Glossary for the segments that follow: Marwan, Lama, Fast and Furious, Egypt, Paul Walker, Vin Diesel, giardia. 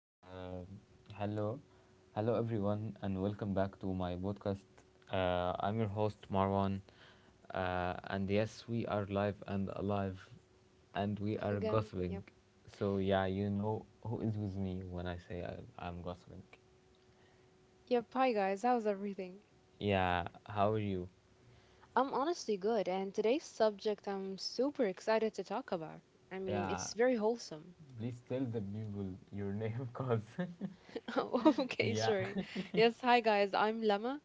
Uh, hello, hello, everyone, and welcome back to my podcast. I'm your host, Marwan. And yes, we are live and alive, and we are Again, gossiping. yep. So, yeah, you know who is with me when I say I'm gossiping. Yep, hi guys, how's everything? Yeah, how are you? I'm honestly good, and today's subject I'm super excited to talk about. I mean, Yeah, it's very wholesome. please tell the people your name, cause Oh, okay, yeah, sure. Yes, hi guys, I'm Lama.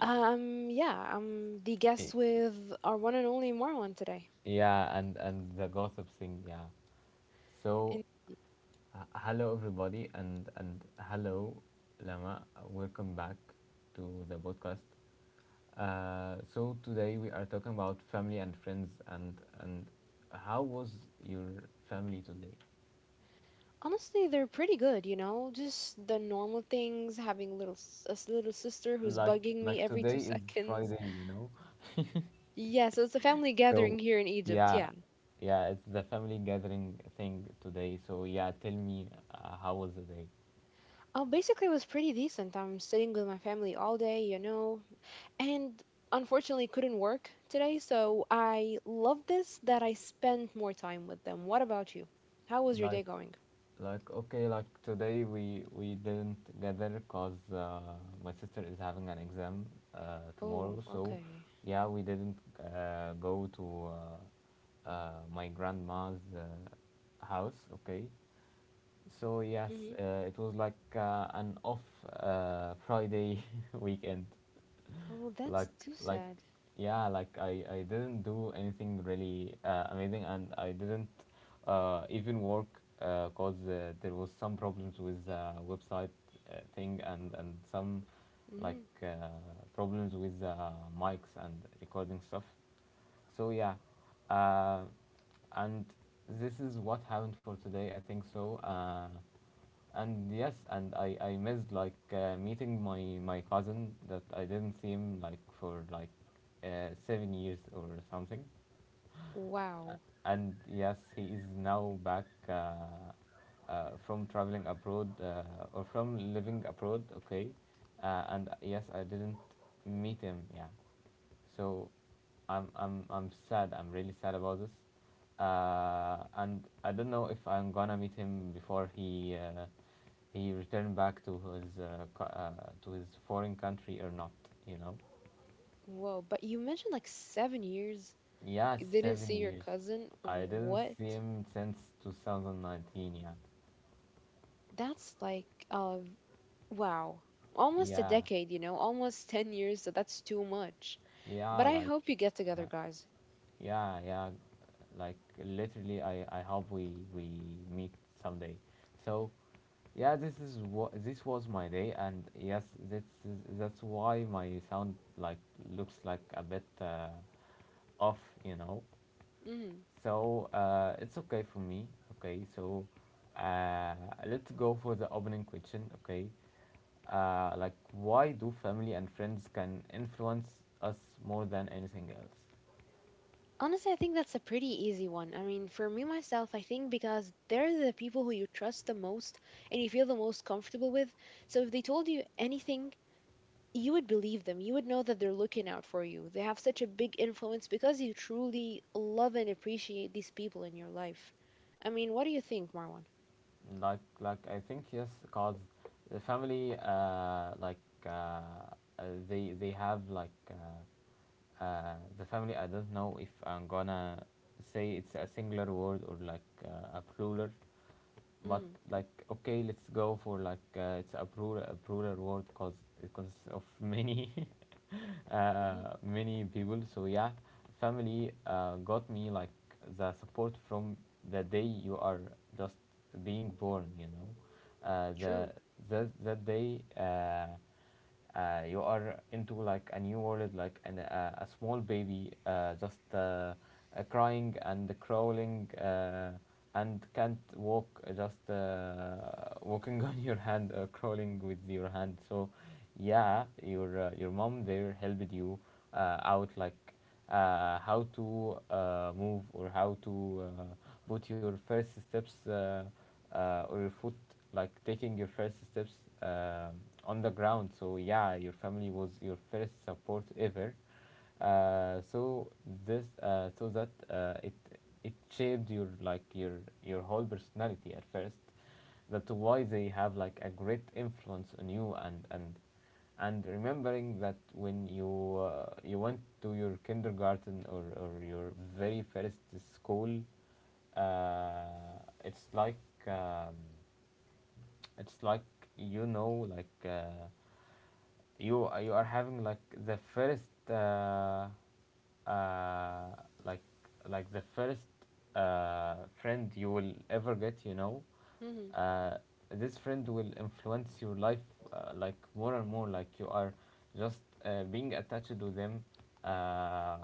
Yeah, I'm the Y- guest with our one and only Marwan today. yeah, and the gossip thing, yeah. So And hello, everybody, and hello, Lama. Welcome back to the podcast. So today we are talking about family and friends, and how was your family today? honestly, they're pretty good, you know? Just the normal things, having a little sister who's Like bugging me like every today 2 is seconds. Friday, you know. Yeah, so it's a family gathering So here in Egypt, yeah, yeah. yeah, it's the family gathering thing today. So yeah, tell me, how was the day? Basically, it was pretty decent. I'm sitting with my family all day, and unfortunately couldn't work today, so I love this that I spent more time with them. What about you? How was your Like day going? Like okay, like today we didn't gather cause my sister is having an exam Oh, tomorrow. So okay. yeah, we didn't go to my grandma's house. Okay, so yes, Hmm. It was like an off Friday weekend, Oh, that's like too like sad. yeah, like I didn't do anything really amazing, and I didn't even work because there was some problems with website thing, and some, like Hmm. uh, problems with mics and recording stuff, so yeah, uh, and this is what happened for today, I think. So and yes, and I missed like meeting my cousin that I didn't see him like for like 7 years or something. Wow. And yes, he is now back from traveling abroad, or from living abroad, okay. And yes, I didn't meet him, yeah. So I'm sad, I'm really sad about this. And I don't know if I'm gonna meet him before he returned back to his to his foreign country or not. You know. Whoa, but you mentioned like 7 years. Yeah, You didn't seven see your years. cousin? I didn't What? see him since 2019 yet. That's like wow. Almost a Yeah, decade, almost 10 years, so that's too much. yeah, But I like, hope you get yeah, together, guys. yeah, yeah. Like literally, I hope we meet someday. So yeah, this is what this was my day, and yes, that's why my sound looks like a bit off, you know. Mm. So it's okay for me. Okay, so uh, let's go for the opening question. Okay, like, why do family and friends can influence us more than anything else? Honestly, I think that's a pretty easy one. I mean, for me myself, I think because they're the people who you trust the most and you feel the most comfortable with. So if they told you anything, you would believe them. You would know that they're looking out for you. They have such a big influence because you truly love and appreciate these people in your life. I mean, what do you think, Marwan? Like I think yes, cause the family, uh, they have like. The family, I don't know if I'm gonna say it's a singular word or like a plural, but Mm. like okay, let's go for like it's a plural word because it consists of many many people. So yeah, family got me like the support from the day you are just being born, you know, uh, the True. that, that day, you are into like a new world, like a small baby, just crying and crawling, and can't walk, just walking on your hand or crawling with your hand. So yeah, your mom there helped you out, like how to move, or how to put your first steps, or your foot, like taking your first steps um on the ground. So yeah, your family was your first support ever, so this so that it it shaped your like your whole personality at first. That's why they have like a great influence on you, and remembering that when you you went to your kindergarten, or your very first school, uh, it's like, um, it's like you know, like you you are having like the first, uh, like the first uh, friend you will ever get, you know. Hmm. Uh, this friend will influence your life, like more and more, like you are just being attached to them, uh,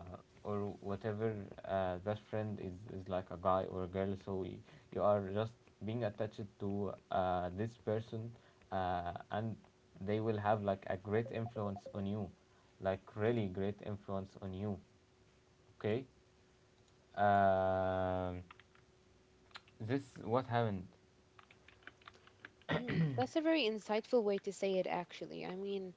or whatever, that friend is like a guy or a girl. So you are just being attached to this person, and they will have like a great influence on you, like really great influence on you, okay. Um, this what happened. Hmm. That's a very insightful way to say it, actually. I mean,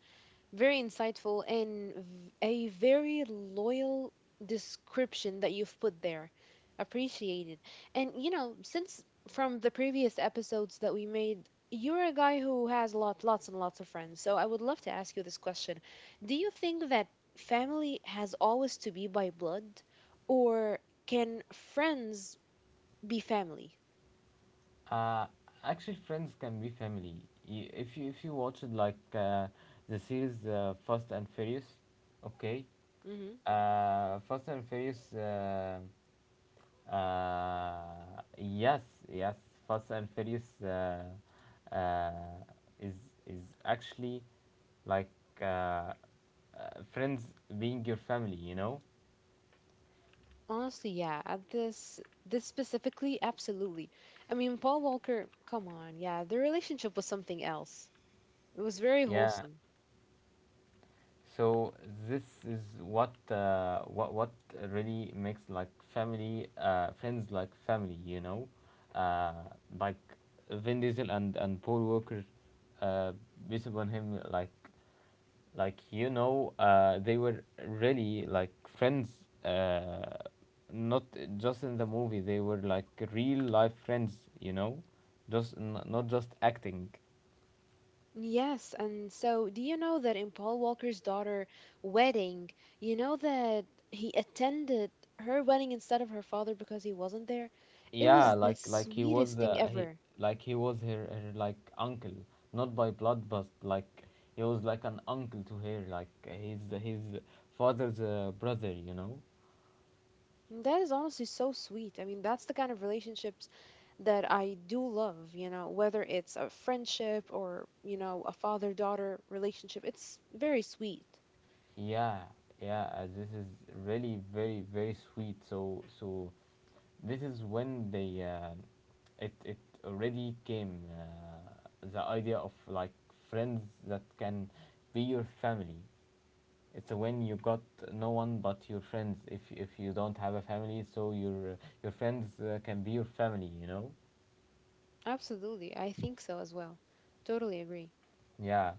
very insightful and a very loyal description that you've put there. Appreciated. And since from the previous episodes that we made, you're a guy who has lots and lots of friends. So I would love to ask you this question. Do you think that family has always to be by blood, or can friends be family? Uh, actually friends can be family. If you if you watched like the series, Fast and Furious, okay, Fast and Furious, yes, yes. Fast and Furious uh, is actually like uh, uh, friends being your family, you know. Honestly, yeah, at this specifically, absolutely. I mean, Paul Walker, come on, yeah, the relationship was something else. It was very Yeah. wholesome. So this is what really makes like family, friends like family, you know. Uh, like Vin Diesel and Paul Walker, uh, based on him, you know, they were really like friends, not just in the movie, they were like real life friends, you know, just not just acting. Yes, and so do you know that in Paul Walker's daughter wedding, you know that he attended her wedding instead of her father because he wasn't there? It Yeah, was the like he was sweetest thing ever. He was her like uncle, not by blood, but like he was like an uncle to her, like his father's brother, you know. And that is honestly so sweet. I mean, that's the kind of relationships that I do love, whether it's a friendship or a father-daughter relationship. It's very sweet. Yeah, yeah, this is really very very sweet. So so, this is when they, it it already came the idea of like friends that can be your family. It's when you got no one but your friends. If you don't have a family, so your friends can be your family. You know. Absolutely. I think so as well. Totally agree. Yeah.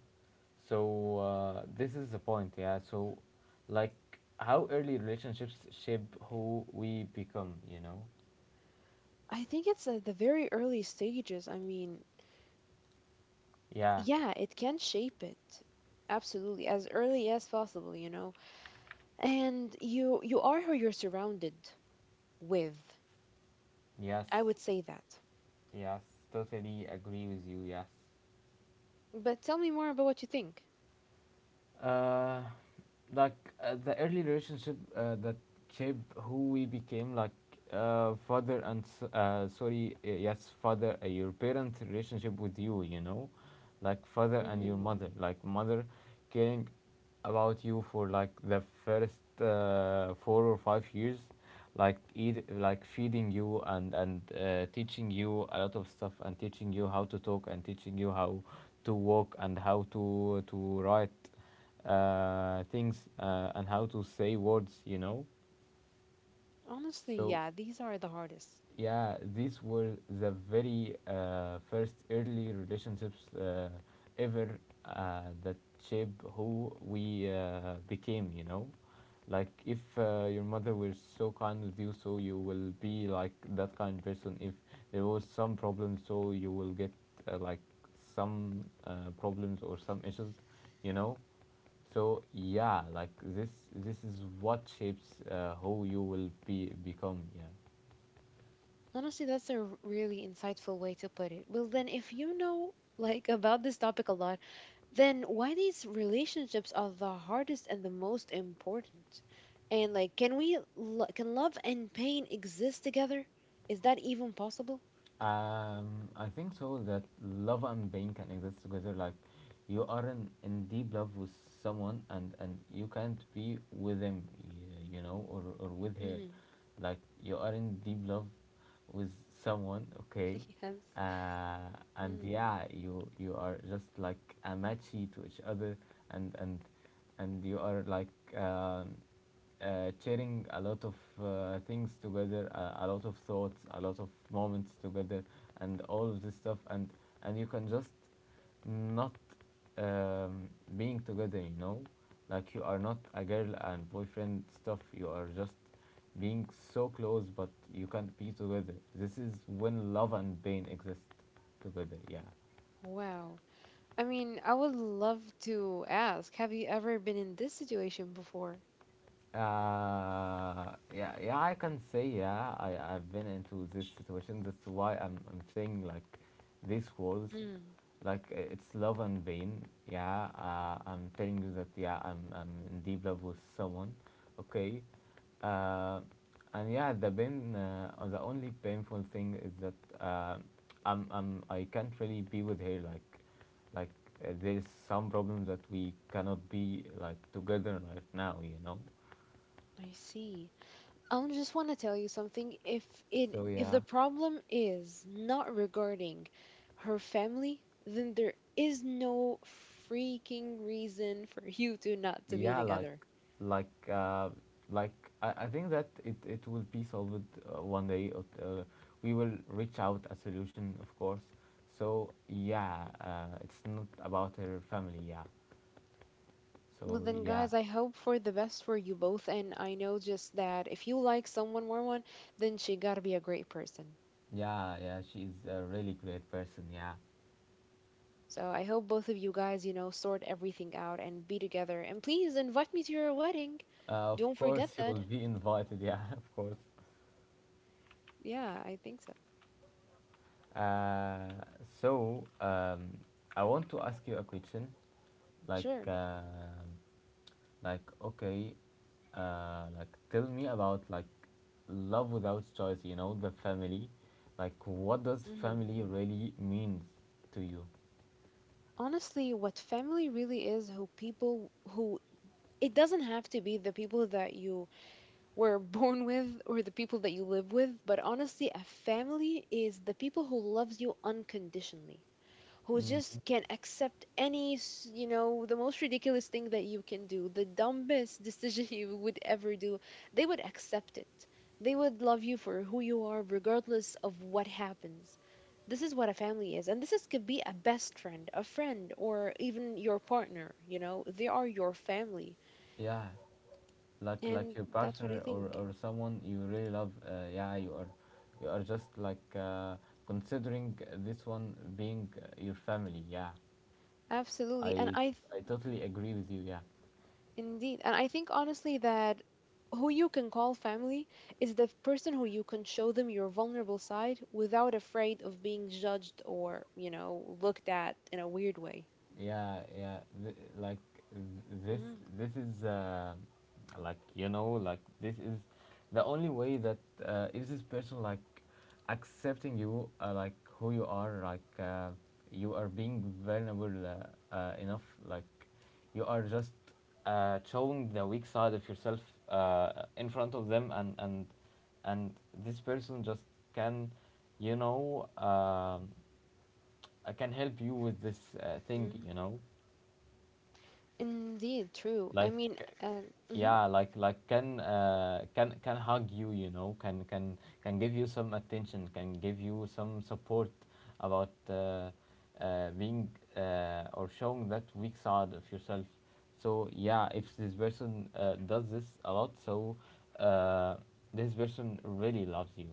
So this is the point. Yeah. So, like, how early relationships shape who we become. You know. I think it's at the very early stages. I mean, Yeah. yeah, it can shape it. Absolutely, as early as possible. And you are who you're surrounded with. Yes. I would say that. Yes. Totally agree with you. Yes. But tell me more about what you think. uh, like the early relationship that shaped who we became, like father and s- sorry yes, father, your parent relationship with you, you know, like father and your mother, like mother caring about you for like the first 4 or 5 years, like feeding you, and teaching you a lot of stuff, and teaching you how to talk, and teaching you how to walk, and how to write things, and how to say words, you know. Honestly, So yeah, these are the hardest. yeah, these were the very first early relationships ever, that shaped who we became, you know? Like, if your mother was so kind with you, so you will be like that kind person. If there was some problem, so you will get, uh, like some problems or some issues, you know? So yeah, this is what shapes who you will be become. Yeah. Honestly, that's a really insightful way to put it. Well, then, if you know like about this topic a lot, then why these relationships are the hardest and the most important? And like, can we can love and pain exist together? Is that even possible? I think so that love and pain can exist together. Like you are in deep love with someone, and you can't be with him, you know, or with her, Hmm. like you are in deep love with someone, okay. Yes. Uh, and Mm. yeah, you are just like a matchy to each other, and and and you are like, um, sharing a lot of things together, a lot of thoughts, a lot of moments together, and all of this stuff, and you can just not, um, being together, you know? Like you are not a girl and boyfriend stuff, you are just being so close, but you can't be together. This is when love and pain exist together, yeah. Wow. I mean, I would love to ask, have you ever been in this situation before? Yeah, yeah, I can say, yeah, I've been into this situation. That's why I'm saying like these words, Mm. like, it's love and pain. Yeah, I'm telling you that, yeah, I'm in deep love with someone, okay? Uh, and yeah, the pain, the only painful thing is that I can't really be with her, like, like there is some problem that we cannot be like together right now, you know. I see. I just want to tell you something. If it So if yeah, the problem is not regarding her family, then there is no freaking reason for you two not to be yeah, like, together. like, uh, like I think that it will be solved one day. We will reach out a solution, of course. So yeah, it's not about her family. Yeah. Well So then, yeah, guys, I hope for the best for you both, and I know just that if you like someone, Marwan, then she gotta be a great person. yeah, yeah. She's a really great person. Yeah. So I hope both of you guys, sort everything out and be together. And please invite me to your wedding. Of Don't forget course, you that. will be invited. Yeah, of course. Yeah, I think so. Uh, so um, I want to ask you a question, like. Sure. um like, okay, like tell me about like love without choice. You know, the family. Like, what does Mhm. family really means to you? Honestly, what family really is, who people who, it doesn't have to be the people that you were born with or the people that you live with, but honestly, a family is the people who loves you unconditionally, who just hmm can accept any, the most ridiculous thing that you can do, the dumbest decision you would ever do, they would accept it. They would love you for who you are, regardless of what happens. This is what a family is, and this is could be a best friend, a friend, or even your partner. They are your family, Yeah, like and your that's what I partner, think. or someone you really love. Yeah, you are, you are just like considering this one being your family. Yeah, Absolutely, and I I. I totally agree with you. Yeah. Indeed. And I think honestly that who you can call family is the person who you can show them your vulnerable side without afraid of being judged or looked at in a weird way. Yeah, yeah, th- like th- this Mm. this is this is the only way that if this person accepting you, like who you are, you are being vulnerable enough, like you are just showing the weak side of yourself in front of them, and this person just can, you know um, can help you with this thing, Mm. you know, Indeed, true. I like mean, um, mhm. Can, can hug you, you know, can give you some attention, can give you some support about being or showing that weak side of yourself. So yeah, if this person does this a lot, so uh, this person really loves you.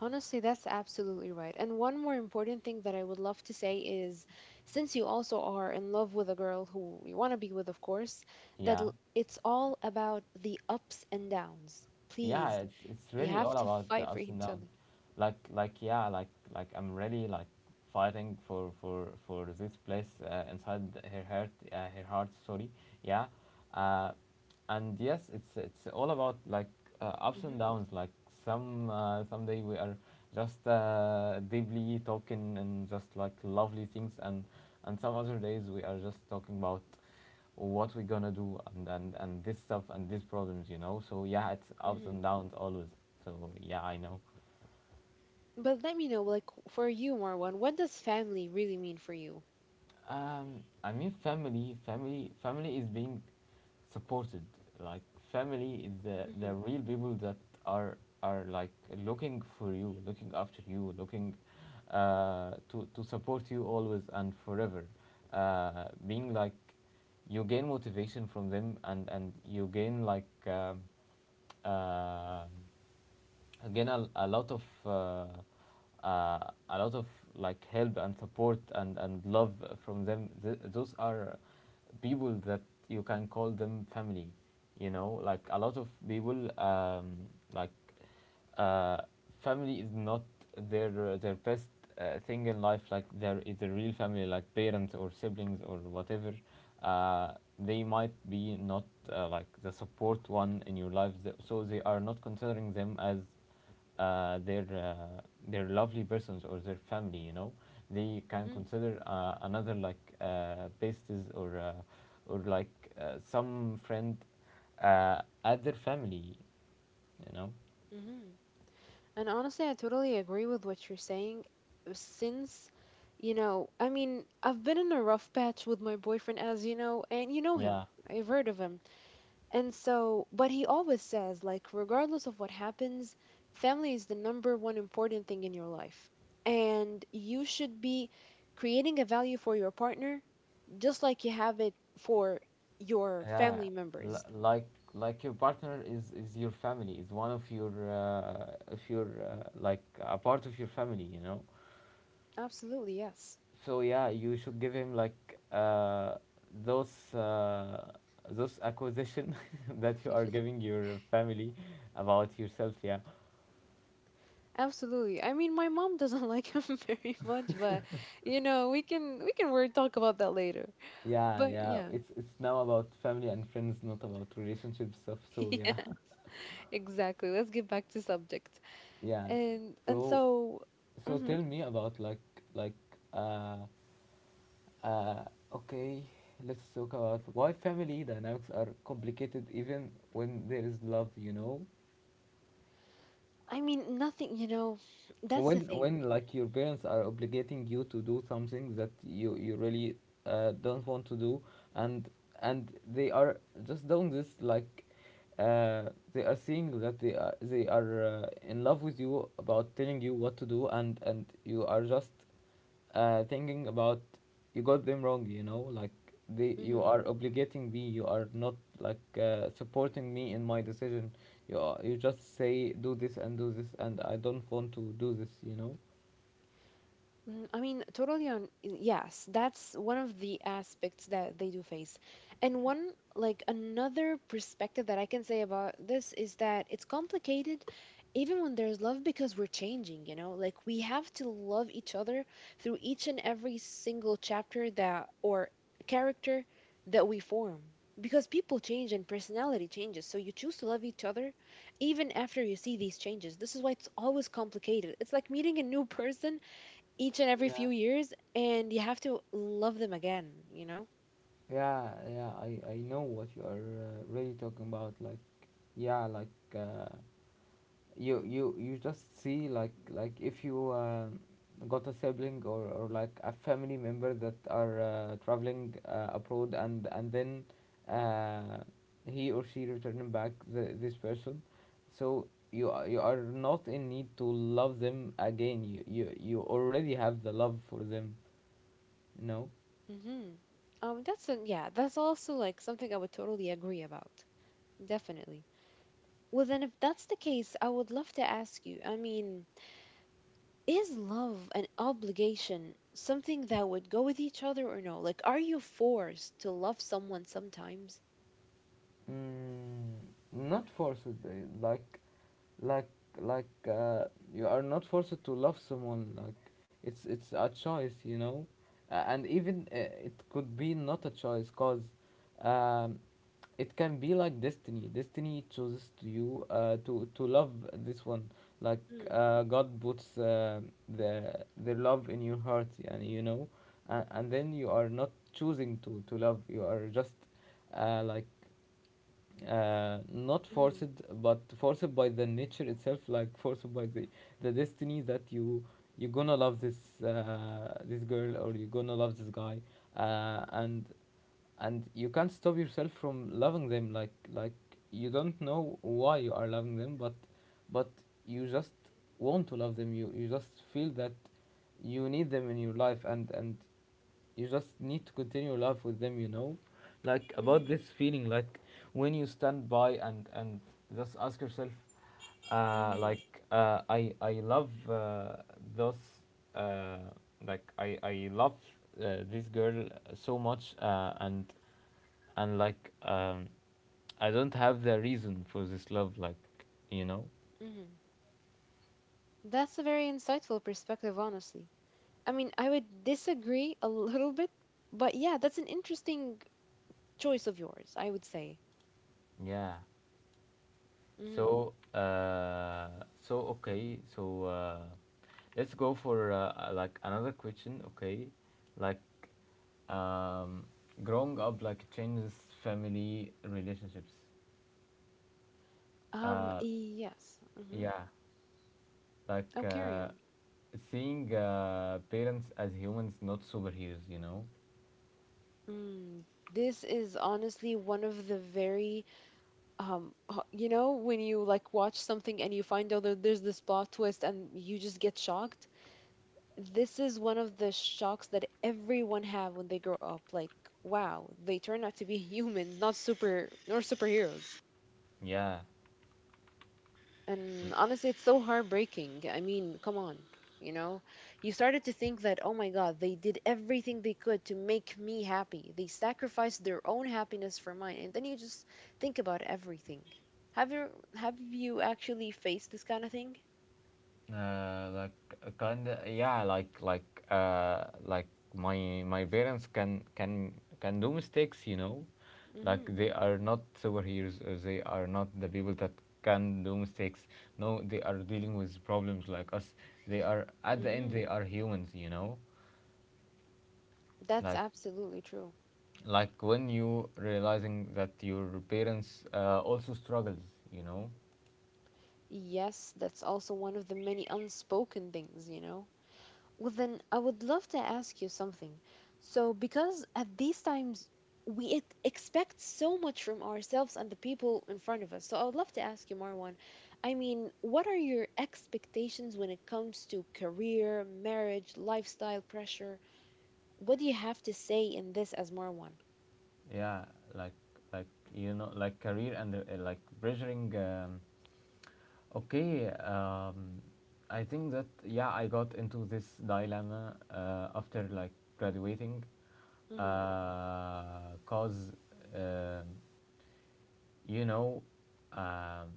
Honestly, that's absolutely right. And one more important thing that I would love to say is since you also are in love with a girl who you want to be with, of course, that Yeah, it's all about the ups and downs. yeah, Please. it's You really have all to about the fight for ups and each downs. other. like like yeah like I'm really fighting for this place inside her heart, her heart, sorry. Yeah, uh and yes, it's all about, like, ups and Mhm. downs. Like, someday we are just deeply talking and just like lovely things, and some other days we are just talking about or what we're gonna do, and this stuff and these problems, you know. So yeah, it's ups and Mhm. downs always. So yeah, I know. But let me know, like for you, Marwan, what does family really mean for you? I mean, family is being supported, like family is the Mhm. real people that are like looking for you, looking after you, looking to support you always and forever, being like you gain motivation from them, and you gain, like, uh, again uh, a lot of like help and support and love from them. Those are people that you can call them family, you know. Like a lot of people, like uh, family is not their best thing in life. Like, there is a real family, like parents or siblings or whatever. uh, they might be not like the support one in your life. So they are not considering them as uh, their uh, their lovely persons or their family, you know. They can Mhm. consider, another, like, besties or, or like some friend at their family, you know. Mhm. And honestly, I totally agree with what you're saying. Since, you know, I mean, I've been in a rough patch with my boyfriend, as you know, and you know him. Yeah, I've heard of him. And so, but he always says, like, regardless of what happens, family is the number one important thing in your life. And you should be creating a value for your partner just like you have it for your yeah. family L- members. like like, your partner is your family, is one of your, like, a part of your family, you know. Absolutely, yes. So yeah, you should give him, like, uh, those uh, those acquisition that you are giving your family about yourself. Yeah, Absolutely. I mean, my mom doesn't like him very much, but we can we talk about that later. yeah, But yeah, yeah. it's now about family and friends, not about relationship stuff. So yeah, Yeah. Exactly. Let's get back to subject. yeah. And So so, so mhm. tell me about, like, like uh uh okay. Let's talk about why family dynamics are complicated even when there is love. You know, I mean, nothing, that's the when thing. Like your parents are obligating you to do something that you really don't want to do, and and they are just doing this, like they are seeing that they are in love with you about telling you what to do, and you are just thinking about, you got them wrong. You know, like they, you Hmm. are obligating me. You are not, like, supporting me in my decision. You are, you just say, do this, and I don't want to do this. You Mm, I mean, totally on. Yes, that's one of the aspects that they do face. And one, like, another perspective that I can say about this is that it's complicated even when there's love because we're changing, you know? Like, we have to love each other through each and every single chapter that, or character that we form. Because people change and personality changes. So you choose to love each other even after you see these changes. This is why it's always complicated. It's like meeting a new person each and every know. few years, and you have to love them again, you know? Yeah, yeah, I know what you are really talking about. Like, yeah, uh, you just see, like if you got a sibling, or like a family member that are traveling abroad, and then uh, he or she returning back the, this person, so you are not in need to love them again. You already have the love for them, you know. Hmm. That's a, yeah, that's also like something I would totally agree about, definitely. Well then, if that's the case, I would love to ask you. I mean, is love an obligation, something that would go with each other, or no? Like, are you forced to love someone sometimes? Mm, not forced, like like like uh, you are not forced to love someone, like it's a choice, you know. And even, it could be not a choice, cause um, it can be like destiny. Destiny chooses to you to love this one, like Mm. God puts the their love in your heart, and you know. And then you are not choosing to love, you are just uh, like not Mhm. forced, but forced by the nature itself, like forced by the destiny that you you're gonna love this, this girl, or you're gonna love this guy. Uh, and and you can't stop yourself from loving them. Like, you don't know why you are loving them, but you just want to love them. You just feel that you need them in your life, and you just need to continue life with them, you know. Like about Mhm. this feeling, like when you stand by and just ask yourself, Mhm. I love, those uh like, I love, this girl so much, and I don't have the reason for this love, like, you know. Mhm. That's a very insightful perspective, honestly. I mean, I would disagree a little bit, but yeah, that's an interesting choice of yours, I would say. Yeah. Mm. So, okay, so, let's go for, like, another question. Okay, like, um, growing up like changes family relationships. Uh, Yes. Mm-hmm. yeah, like Oh, carry uh, on. seeing, parents as humans, not superheroes. You know. Mm. This is honestly one of the very, you know, when you like watch something and you find out that there's this plot twist and you just get shocked. This is one of the shocks that everyone have when they grow up. Like, wow, they turn out to be humans, not super, nor superheroes. Yeah. And honestly, it's so heartbreaking. I mean, come on. You know, you started to think that, oh my God, they did everything they could to make me happy. They sacrificed their own happiness for mine. And then you just think about everything. Have you have you actually faced this kind of thing? Kinda, yeah, uh, like my parents can do mistakes, you know. Like, Hmm. they are not superheroes, or they are not the people that can do mistakes. No, they are dealing with problems like us. They are, at the end, Hmm. they are humans, you know. That's Like, absolutely true. When you realizing that your parents also struggles, you know. Yes, that's also one of the many unspoken things. Well, then I would love to ask you something. So, because at these times we expect so much from ourselves and the people in front of us. So, I would love to ask you, Marwan. I mean, what are your expectations when it comes to career, marriage, lifestyle pressure? What do you have to say in this as Marwan? Yeah, like, like career and, like pressuring, okay, I think that, yeah, I got into this dilemma after like graduating, Mm-hmm. Cause, um you know, um,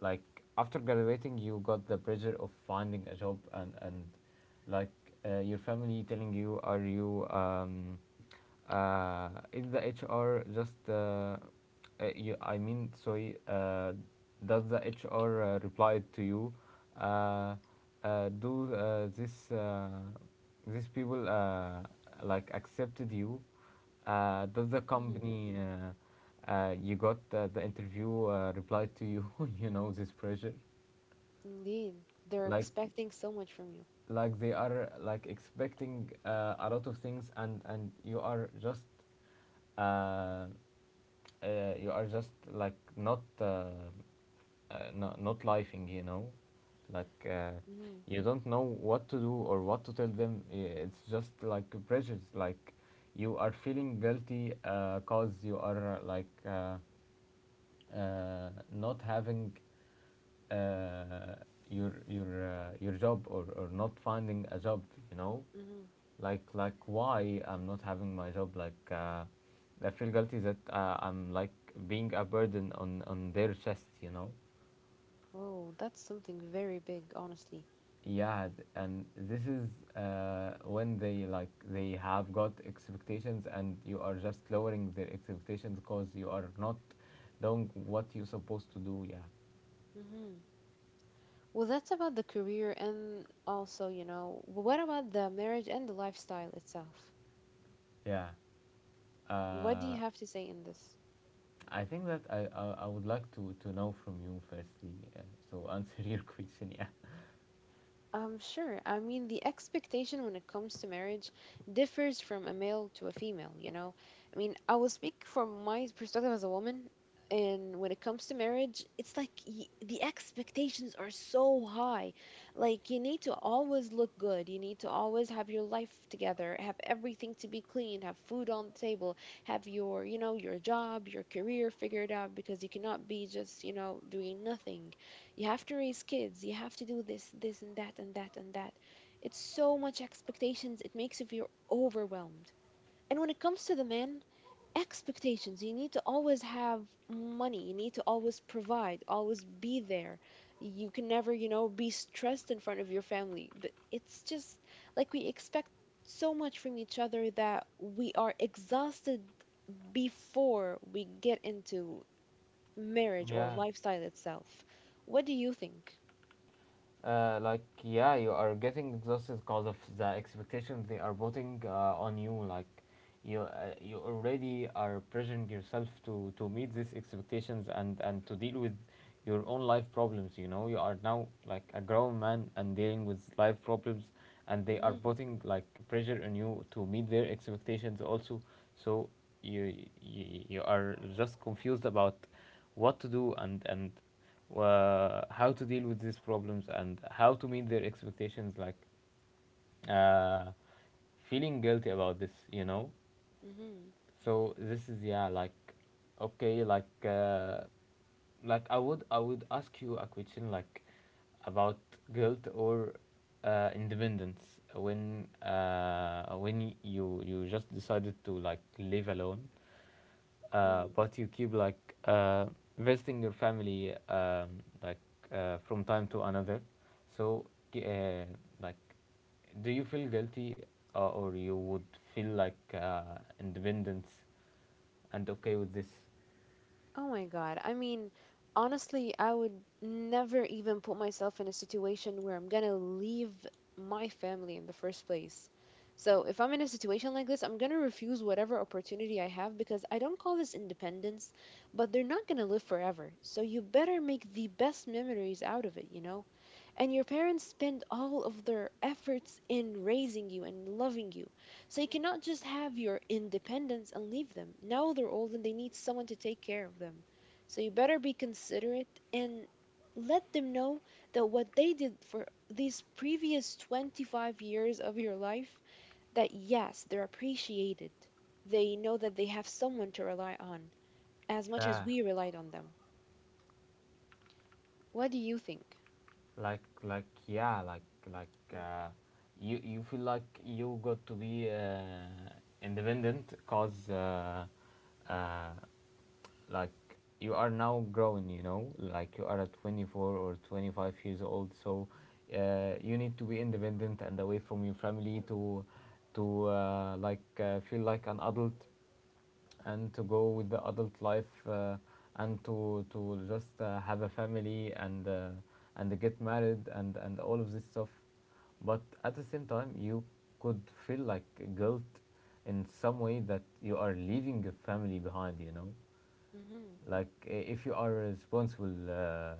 like after graduating, you got the pressure of finding a job, and like your family telling you, are you, is the HR just, you, I mean, sorry, does the HR reply to you? Uh, do, this, these people like accepted you? Does the Mm-hmm. company, you got, the interview, reply to you? You know, this pressure, Indeed, they're like, expecting so much from you. They are like expecting, a lot of things, and you are just, uh, you are just, like, not, not lifing, you know. like uh, Mm-hmm. you don't know what to do or what to tell them. It's just like pressures, like you are feeling guilty, cause you are, not having, uh, your your job, or not finding a job, you know. Mm-hmm. Like, why I'm not having my job, I feel guilty that, I'm like being a burden on their chest, you know. Whoa, that's something very big, honestly. Yeah, and this is, when they, like, they have got expectations, and you are just lowering their expectations because you are not doing what you're supposed to do. Yeah, Mm-hmm. Well, that's about the career and also, you know, what about the marriage and the lifestyle itself? yeah, What do uh, you have to say in this? I think that, I would like to know from you firstly, so answer your question. Yeah. Sure. I mean, the expectation when it comes to marriage differs from a male to a female, you know? I mean, I will speak from my perspective as a woman, and when it comes to marriage, it's like y the expectations are so high. Like, you need to always look good, you need to always have your life together, have everything to be clean, have food on the table, have your job, your career figured out, because you cannot be just, doing nothing. You have to raise kids, you have to do this, this and that and that and that. It's so much expectations, it makes you feel overwhelmed. And when it comes to the man expectations, you need to always have money, you need to always provide, always be there. You can never be stressed in front of your family, but it's just like we expect so much from each other that we are exhausted before we get into marriage or Yeah. lifestyle itself. What do you think? Like, yeah, you are getting exhausted because of the expectations they are putting on you. Like, you, you already are pressuring yourself to meet these expectations, and to deal with your own life problems. You know, you are now like a grown man and dealing with life problems, and they are Mhm. putting like pressure on you to meet their expectations also. So you, you are just confused about what to do, and how to deal with these problems, and how to meet their expectations. Like, uh, feeling guilty about this, you know. Mhm. So this is, yeah, like, okay, like, I would ask you a question, like about guilt, or, independence, when, you just decided to like live alone, Mhm. but you keep like, visiting your family, like from time to another. So, uh, like do you feel guilty, or you would feel like, independence and okay with this? Oh my God. I mean, honestly, I would never even put myself in a situation where I'm gonna leave my family in the first place. So if I'm in a situation like this, I'm gonna refuse whatever opportunity I have because I don't call this independence, but they're not gonna live forever. So you better make the best memories out of it, you know? And your parents spend all of their efforts in raising you and loving you. So you cannot just have your independence and leave them. Now they're old and they need someone to take care of them. So you better be considerate and let them know that what they did for these previous 25 years of your life, that yes, they're appreciated. They know that they have someone to rely on as much as Yeah. we relied on them. What do you think? like like yeah like like uh, you feel like you got to be, independent, cause, uh, like you are now growing, you know, like you are at 24 or 25 years old, so, you need to be independent and away from your family to feel like an adult, and to go with the adult life, and to just have a family, and, get married, and all of this stuff. But at the same time you could feel like guilt in some way, that you are leaving a family behind, you know. Mm-hmm. Like, if you are responsible, uh,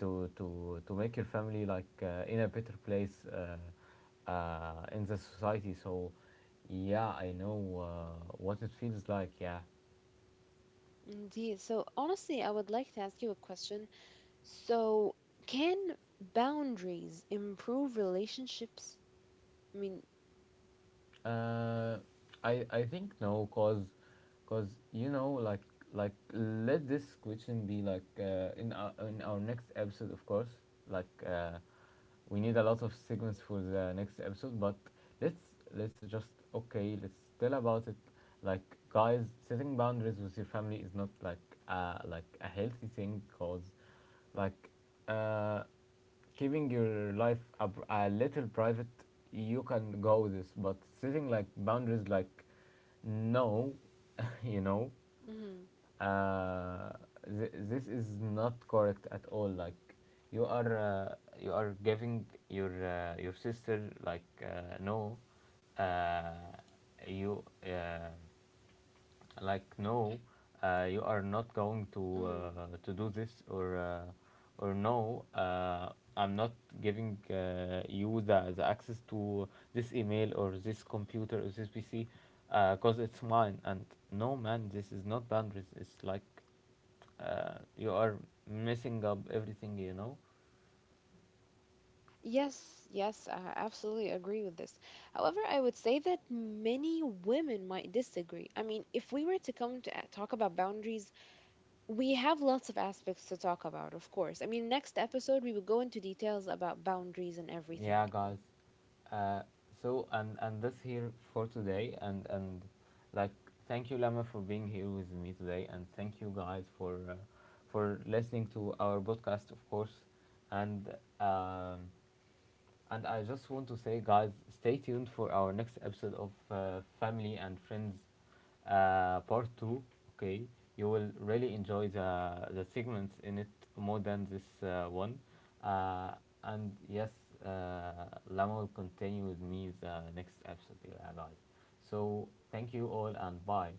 to to to make your family like, in a better place, in the society. So yeah, I know, what it feels like. Yeah. Indeed. So, honestly, I would like to ask you a question. So, can boundaries improve relationships? I mean, Uh, I think no, cause, cause you know, like let this question be like, in our next episode, of course. Like, we need a lot of segments for the next episode, but let's just okay, let's tell about it. Like, guys, setting boundaries with your family is not like, a healthy thing, cause, like, uh keeping your life a little private, you can go with this, but setting like boundaries, like, no, you know, mhm. uh, this is not correct at all. Like, you are, you are giving your, your sister, like, no, uh, you like no, you are not going to, Mm. To do this, or, no, I'm not giving, you, the access to this email or this computer or this PC, because it's mine, and no man, this is not boundaries. It's like, you are messing up everything, you know. Yes, yes, I absolutely agree with this. However, I would say that many women might disagree. I mean, if we were to come to talk about boundaries, we have lots of aspects to talk about, of course. I mean, next episode, we will go into details about boundaries and Yeah, everything. guys. Uh, so and that's here for today, and like thank you, Lama, for being here with me today, and thank you, guys, for, for listening to our podcast, of course. And, um, and I just want to say, guys, stay tuned for our next episode of, Family and Friends, Part 2. Okay, you will really enjoy the segments in it more than this, one. Uh, and yes, uh, Lama will continue with me the next episode, yeah, guys. So, thank you all, and bye.